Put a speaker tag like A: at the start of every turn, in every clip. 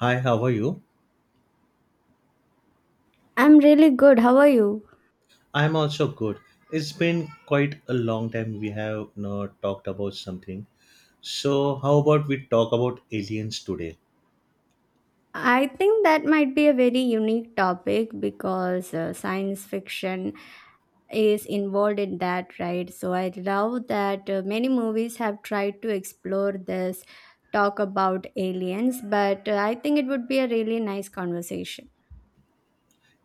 A: Hi, how are you?
B: I'm really good. How are you?
A: I'm also good. It's been quite a long time we have not talked about something. So, how about we talk about aliens today?
B: I think that might be a very unique topic because science fiction is involved in that, right? So I love that many movies have tried to explore this, talk about aliens, but I think it would be a really nice conversation.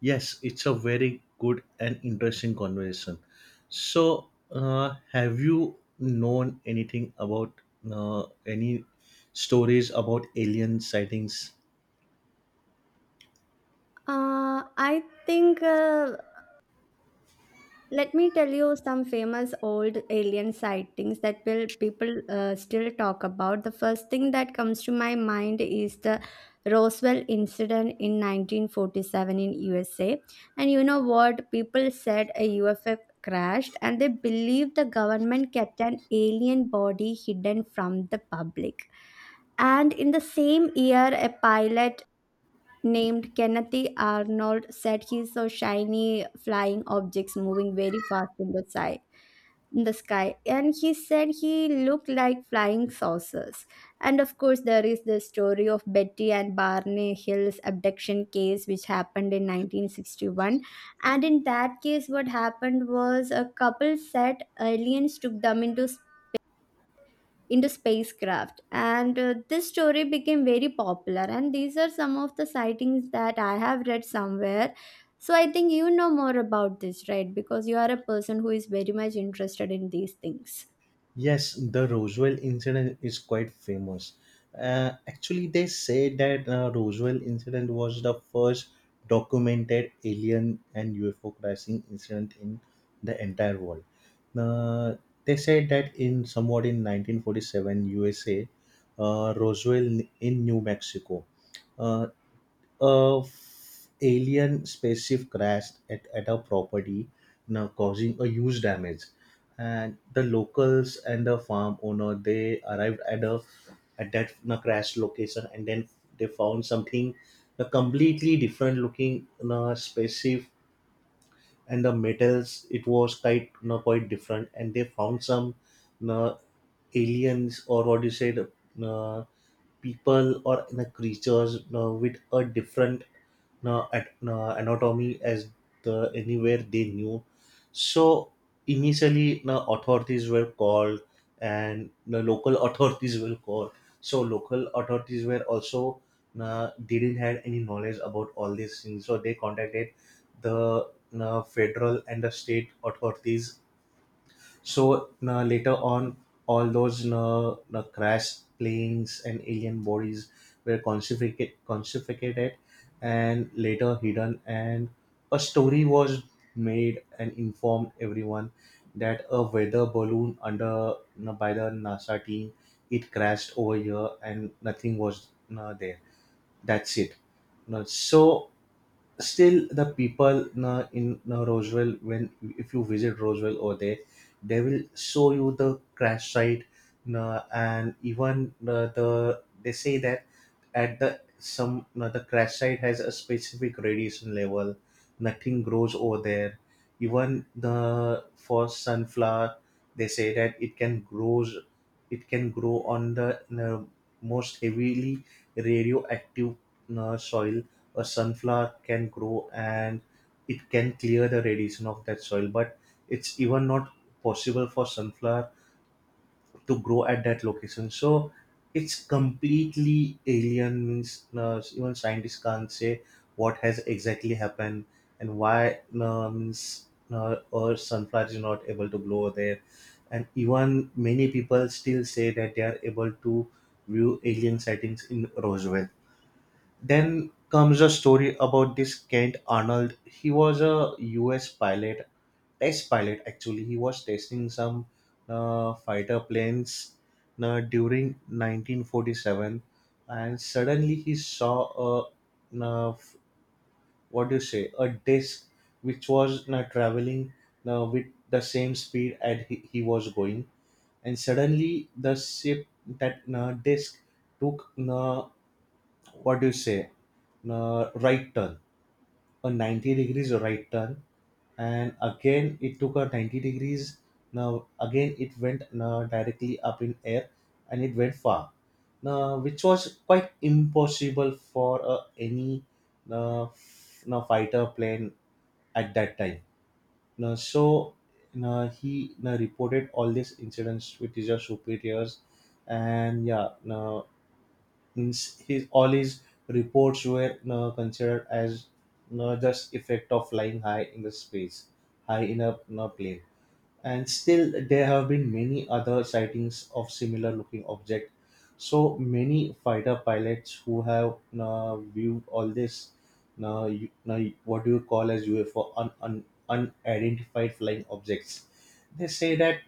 A: Yes, it's a very good and interesting conversation. So, have you known anything about any stories about alien sightings?
B: I think Let me tell you some famous old alien sightings that will people still talk about. The first thing that comes to my mind is the Roswell incident in 1947 in USA. And you know what? People said a UFO crashed and they believed the government kept an alien body hidden from the public. And in the same year, a pilot named Kenneth Arnold said he saw shiny flying objects moving very fast in the sky. In the sky, and he said he looked like flying saucers. And of course, there is the story of Betty and Barney Hill's abduction case, which happened in 1961. And in that case, what happened was a couple said aliens took them into spacecraft and this story became very popular, and these are some of the sightings that I have read somewhere. So I think you know more about this, right? Because you are a person who is very much interested in these things.
A: Yes, the Roswell incident is quite famous. Actually, they say that Roswell incident was the first documented alien and UFO crashing incident in the entire world. Uh, they said that in somewhat in 1947 USA, Roswell in New Mexico. Uh, a f- alien spaceship crashed at a property, now causing a huge damage. And the locals and the farm owner they arrived at a at that you crash location, and then they found something a completely different looking you spaceship, and the metals it was quite you quite different, and they found some you aliens or what do you say the uh, people or in the creatures with a different anatomy as the anywhere they knew. So initially, the authorities were called, and the local authorities were called. So local authorities were also didn't have any knowledge about all these things. So they contacted the federal and the state authorities so na later on, all those na na crash planes and alien bodies were confiscated and later hidden. And a story was made and informed everyone that a weather balloon under na by the NASA team it crashed over here and nothing was na there. That's it. Na so still the people na in Roswell when if you visit Roswell over there they will show you the crash site na and even the they say that at the some na the crash site has a specific radiation level, nothing grows over there even the for sunflower they say that it can grows it can grow on the na most heavily radioactive na soil a sunflower can grow and it can clear the radiation of that soil but it's even not possible for sunflower to grow at that location so it's completely alien means even scientists can't say what has exactly happened and why means or sunflower is not able to grow there and even many people still say that they are able to view alien sightings in Roswell. Then comes a story about this Kent Arnold. He was a US pilot, test pilot actually. He was testing some fighter planes during 1947, and suddenly he saw a what do you say a disc which was traveling with the same speed at he was going, and suddenly the ship that disc took what do you say right turn, a 90 degrees right turn, and again it took a 90 degrees, now again it went directly up in air and it went far, now which was quite impossible for any now fighter plane at that time. Now so now he now reported all these incidents with his superiors and yeah now his all his reports were considered as just effect of flying high in the space, high in a plane. And still, there have been many other sightings of similar looking object. So many fighter pilots who have viewed all this, uh, you, uh, what do you call as UFO, unidentified flying objects? They say that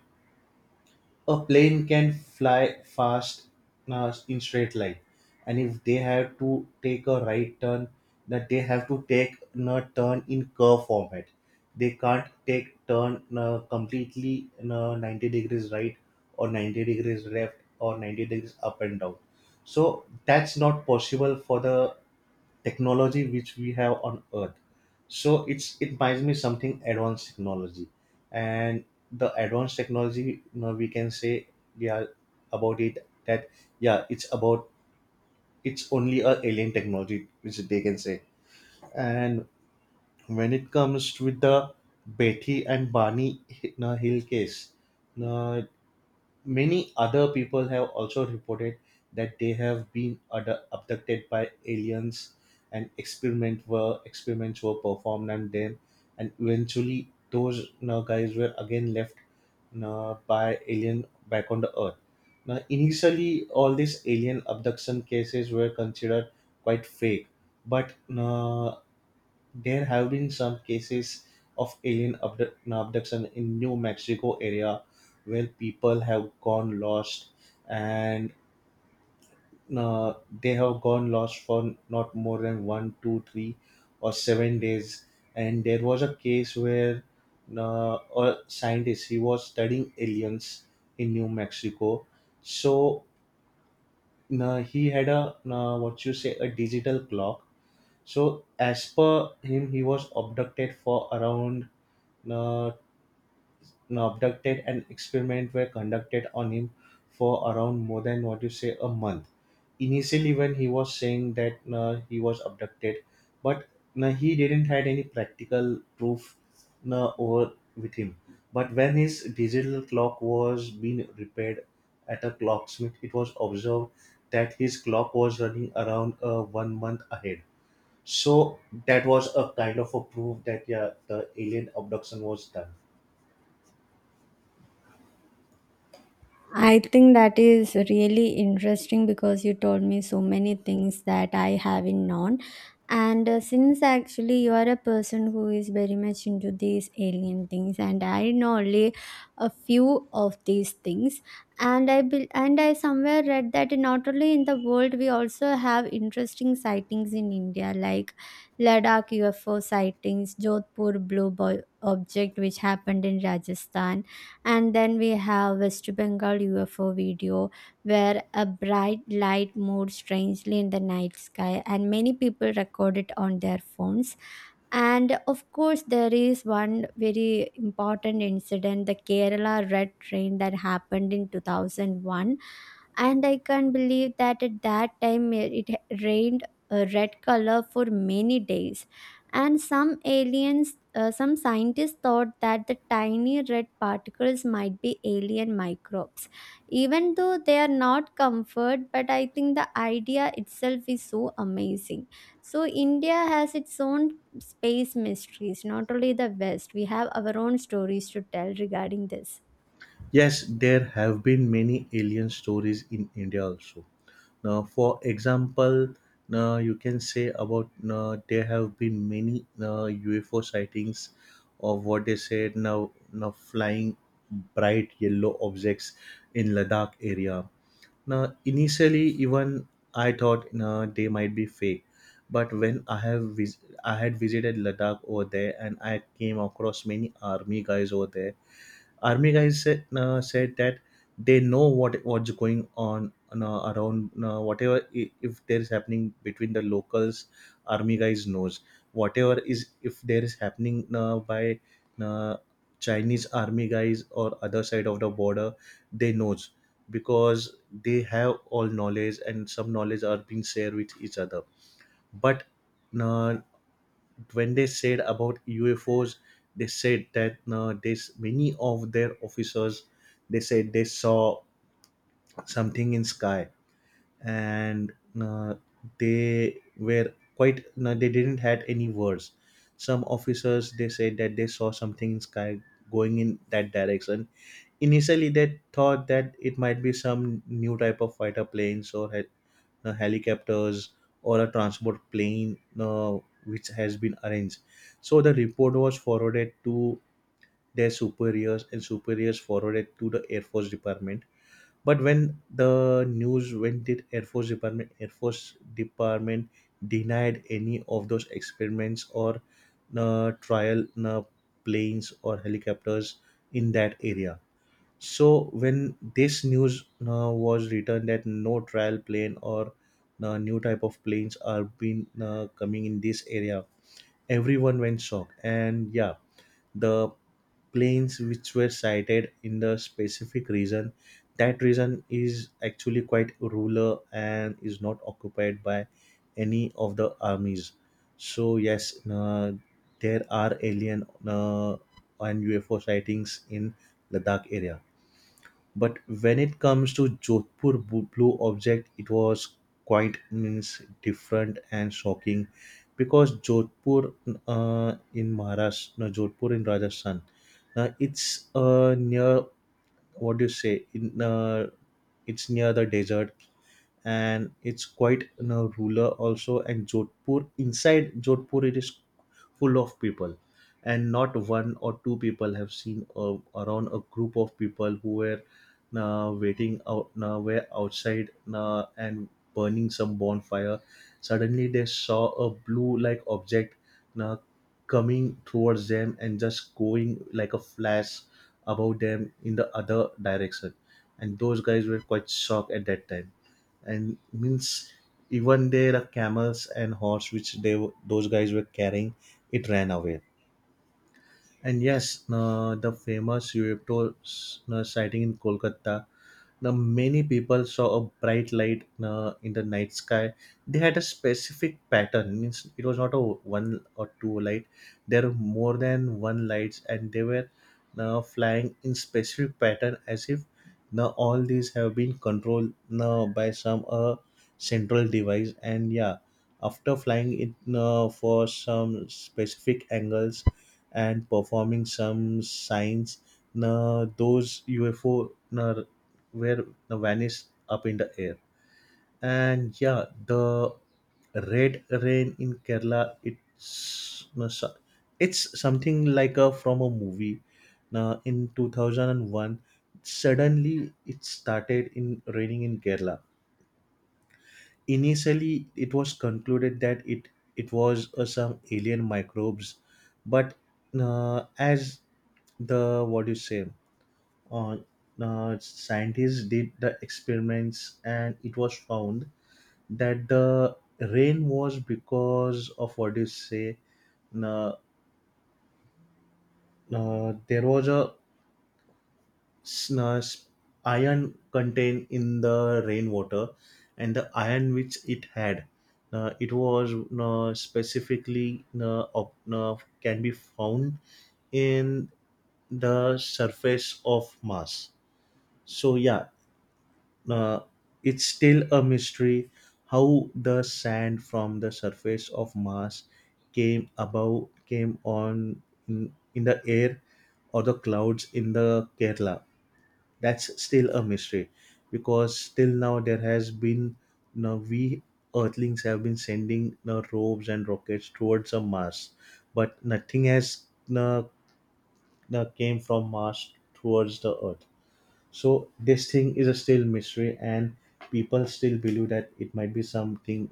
A: a plane can fly fast in straight line and if they have to take a right turn that they have to take a turn in curve format, they can't take turn completely 90 degrees right or 90 degrees left or 90 degrees up and down, so that's not possible for the technology which we have on earth, so it's it reminds me something advanced technology, and the advanced technology, you know, we can say yeah about it that yeah it's about it's only a alien technology which they can say. And when it comes with the Betty and Barney, you know, Hill case, you many other people have also reported that they have been abducted by aliens and experiments were performed on them, and eventually those, you know, guys were again left, you know, by alien back on the earth. Now initially all these alien abduction cases were considered quite fake but, you know, there have been some cases of alien abduction in New Mexico area where people have gone lost and uh, they have gone lost for not more than one, two, 3, or 7 days. And there was a case where a scientist he was studying aliens in New Mexico. So he had a what you say a digital clock. So as per him, he was abducted for around uh, abducted and experiments were conducted on him for around more than what you say a month initially when he was saying that he was abducted but he didn't had any practical proof over with him, but when his digital clock was being repaired at a clocksmith it was observed that his clock was running around 1 month ahead, so that was a kind of a proof that yeah the alien abduction was done.
B: I think that is really interesting because you told me so many things that I haven't known. And since actually you are a person who is very much into these alien things, and I know only a few of these things, and I bel and I somewhere read that not only in the world, we also have interesting sightings in India, like Ladakh UFO sightings, Jodhpur blue boy object which happened in Rajasthan, and then we have West Bengal UFO video where a bright light moved strangely in the night sky and many people record it on their phones. And of course, there is one very important incident, the Kerala Red Train, that happened in 2001. And I can't believe that at that time it rained a red color for many days, and some scientists thought that the tiny red particles might be alien microbes. Even though they are not comfort, but I think the idea itself is so amazing. So India has its own space mysteries. Not only the west, we have our own stories to tell regarding this.
A: Yes, there have been many alien stories in India also. Now, for example, now you can say about now there have been many now UFO sightings of what they said now now flying bright yellow objects in Ladakh area. Now, initially, even I thought now they might be fake, but when I have I had visited Ladakh over there and I came across many army guys over there, army guys said, said that they know what's going on around if there is happening between the locals army guys knows whatever is if there is happening by uh, Chinese army guys or other side of the border they knows because they have all knowledge and some knowledge are being shared with each other but uh, when they said about UFO's, they said that this many of their officers they said they saw something in sky and uh, they were quite no, they didn't had any words. Some officers they said that they saw something in sky going in that direction. Initially, they thought that it might be some new type of fighter planes or helicopters or a transport plane which has been arranged. So the report was forwarded to their superiors and superiors forwarded to the Air Force Department. But when the news went to Air Force Department, Air Force Department denied any of those experiments or trial planes or helicopters in that area. So when this news was written that no trial plane or new type of planes are being coming in this area, everyone went shocked. And yeah, the planes which were sighted in the specific region, that region is actually quite rural and is not occupied by any of the armies. So yes, there are alien and UFO sightings in Ladakh area, but when it comes to Jodhpur blue object, it was quite means different and shocking because Jodhpur in Maharashtra, no, Jodhpur in Rajasthan, it's near what do you say in it's near the desert and it's quite, you know, ruler also and Jodhpur inside Jodhpur it is full of people and not one or two people have seen around a group of people who were waiting out were outside and burning some bonfire, suddenly they saw a blue like object uh, coming towards them and just going like a flash about them in the other direction and those guys were quite shocked at that time and means even their camels and horse which those guys were carrying it ran away. And yes, the famous UFOs sighting in Kolkata, now, many people saw a bright light in the night sky. They had a specific pattern. Means it was not a one or two light. There were more than one lights, and they were now flying in specific pattern, as if now all these have been controlled now by some central device. And yeah, after flying it for some specific angles and performing some signs, now those UFO. Now where vanished up in the air. And yeah, the red rain in Kerala, it's no, so- it's something like a from a movie. Now in 2001, suddenly it started in raining in Kerala. Initially, it was concluded that it was some alien microbes, but as the what do you say uh, scientists did the experiments and it was found that the rain was because of what do you say uh, there was a s- uh, s- iron contained in the rainwater and the iron which it had it was specifically can be found in the surface of Mars. So yeah, uh, it's still a mystery how the sand from the surface of Mars came above came on in the air or the clouds in the Kerala. That's still a mystery because still now there has been now we Earthlings have been sending robes and rockets towards the Mars, but nothing has uh, came from Mars towards the Earth. So this thing is a still mystery, and people still believe that it might be something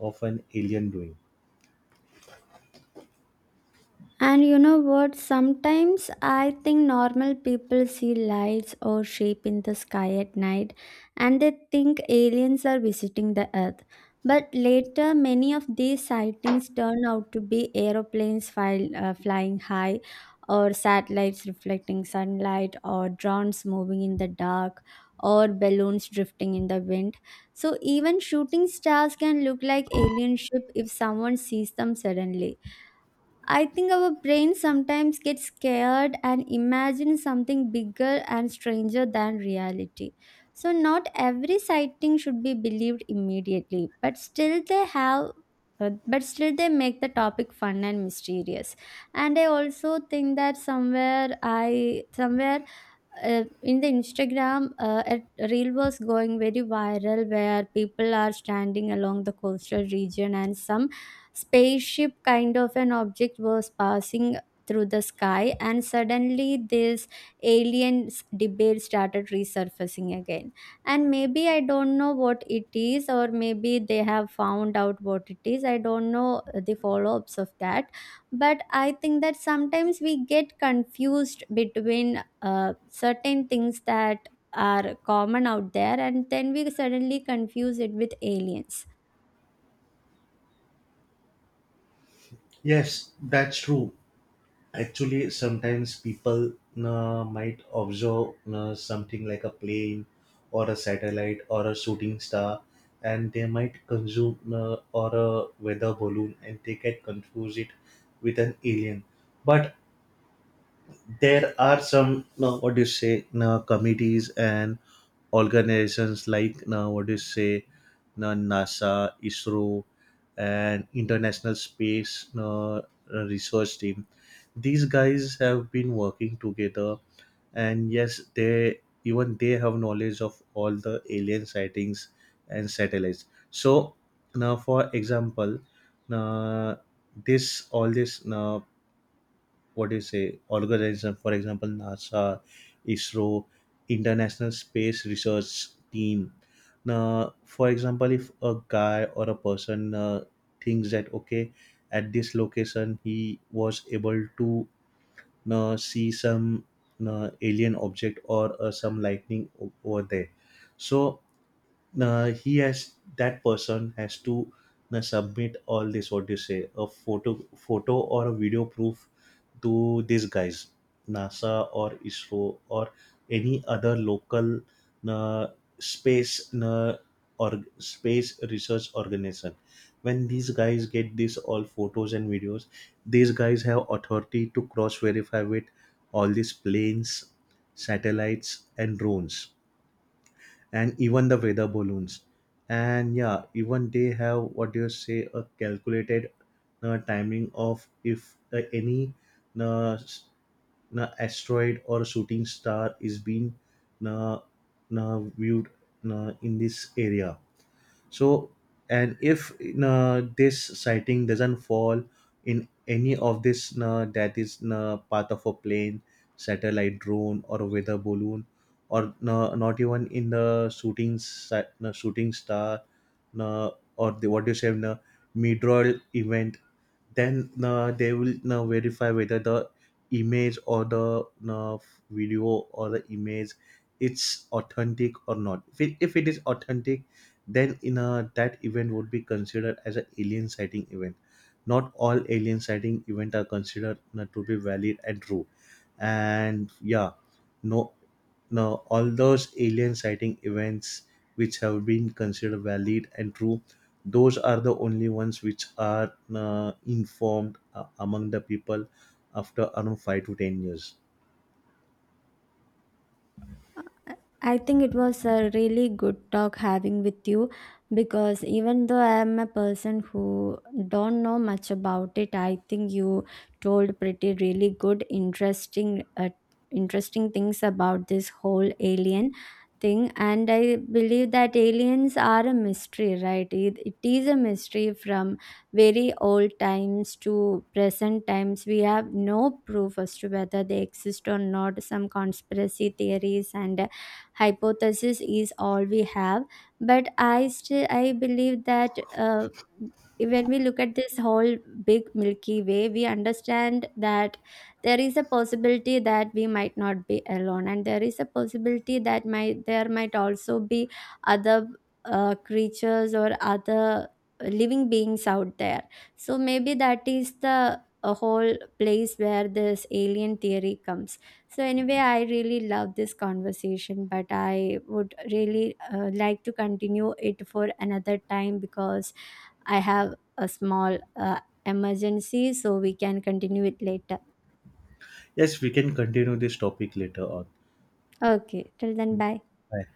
A: of an alien doing.
B: And you know what? Sometimes I think normal people see lights or shape in the sky at night and they think aliens are visiting the earth. But later, many of these sightings turn out to be flying high, or satellites reflecting sunlight, or drones moving in the dark, or balloons drifting in the wind. So, even shooting stars can look like alien ship if someone sees them suddenly. I think our brain sometimes gets scared and imagine something bigger and stranger than reality. So not every sighting should be believed immediately, but still they have but still they make the topic fun and mysterious. And I also think that somewhere I somewhere in the Instagram, a reel was going very viral where people are standing along the coastal region and some spaceship kind of an object was passing through the sky, and suddenly this debate started resurfacing again. And maybe I don't know what it is, or maybe they have found out what it is. I don't know the follow-ups of that, but I think that sometimes we get confused between certain things that are common out there, and then we suddenly confuse it with aliens.
A: Yes, that's true. Actually, sometimes people might observe something like a plane or a satellite or a shooting star, and they might consume or a weather balloon, and they get confuse it with an alien. But there are some now what do you say now committees and organizations like now what do you say now NASA, ISRO, and international space now, research team, these guys have been working together and yes they even they have knowledge of all the alien sightings and satellites. So now for example now this all this now what do you say organization for example NASA, ISRO, international space research team, now for example if a guy or a person thinks that okay at this location he was able to see some alien object or some lightning over there, so he has that person has to submit all this what do you say a photo or a video proof to these guys NASA or ISRO or any other local uh, space or space research organization. When these guys get these all photos and videos these guys have authority to cross verify with all these planes, satellites and drones and even the weather balloons, and yeah even they have what do you say a calculated timing of if any uh, s- na asteroid or shooting star is being na na viewed na in this area. So and if this sighting doesn't fall in any of this that is part of a plane, satellite, drone or a weather balloon or not even in the shooting star uh, or the what do you say meteor event, then they will verify whether the image or the uh, video or the image it's authentic or not. If it is authentic then in a, that event would be considered as an alien sighting event. Not all alien sighting event are considered to be valid and true, and yeah no no all those alien sighting events which have been considered valid and true, those are the only ones which are informed among the people after around 5 to 10 years.
B: I think it was a really good talk having with you because even though I am a person who don't know much about it, I think you told pretty really good, interesting things about this whole alien thing. And I believe that aliens are a mystery, right? It is a mystery from very old times to present times. We have no proof as to whether they exist or not. Some conspiracy theories and hypothesis is all we have. But I believe that when we look at this whole big milky way, we understand that there is a possibility that we might not be alone, and there is a possibility that might there might also be other creatures or other living beings out there. So maybe that is the a whole place where this alien theory comes. So, anyway, I really love this conversation, but I would really like to continue it for another time because I have a small emergency, so we can continue it later.
A: Yes, we can continue this topic later on.
B: Okay, till then, bye.
A: Bye.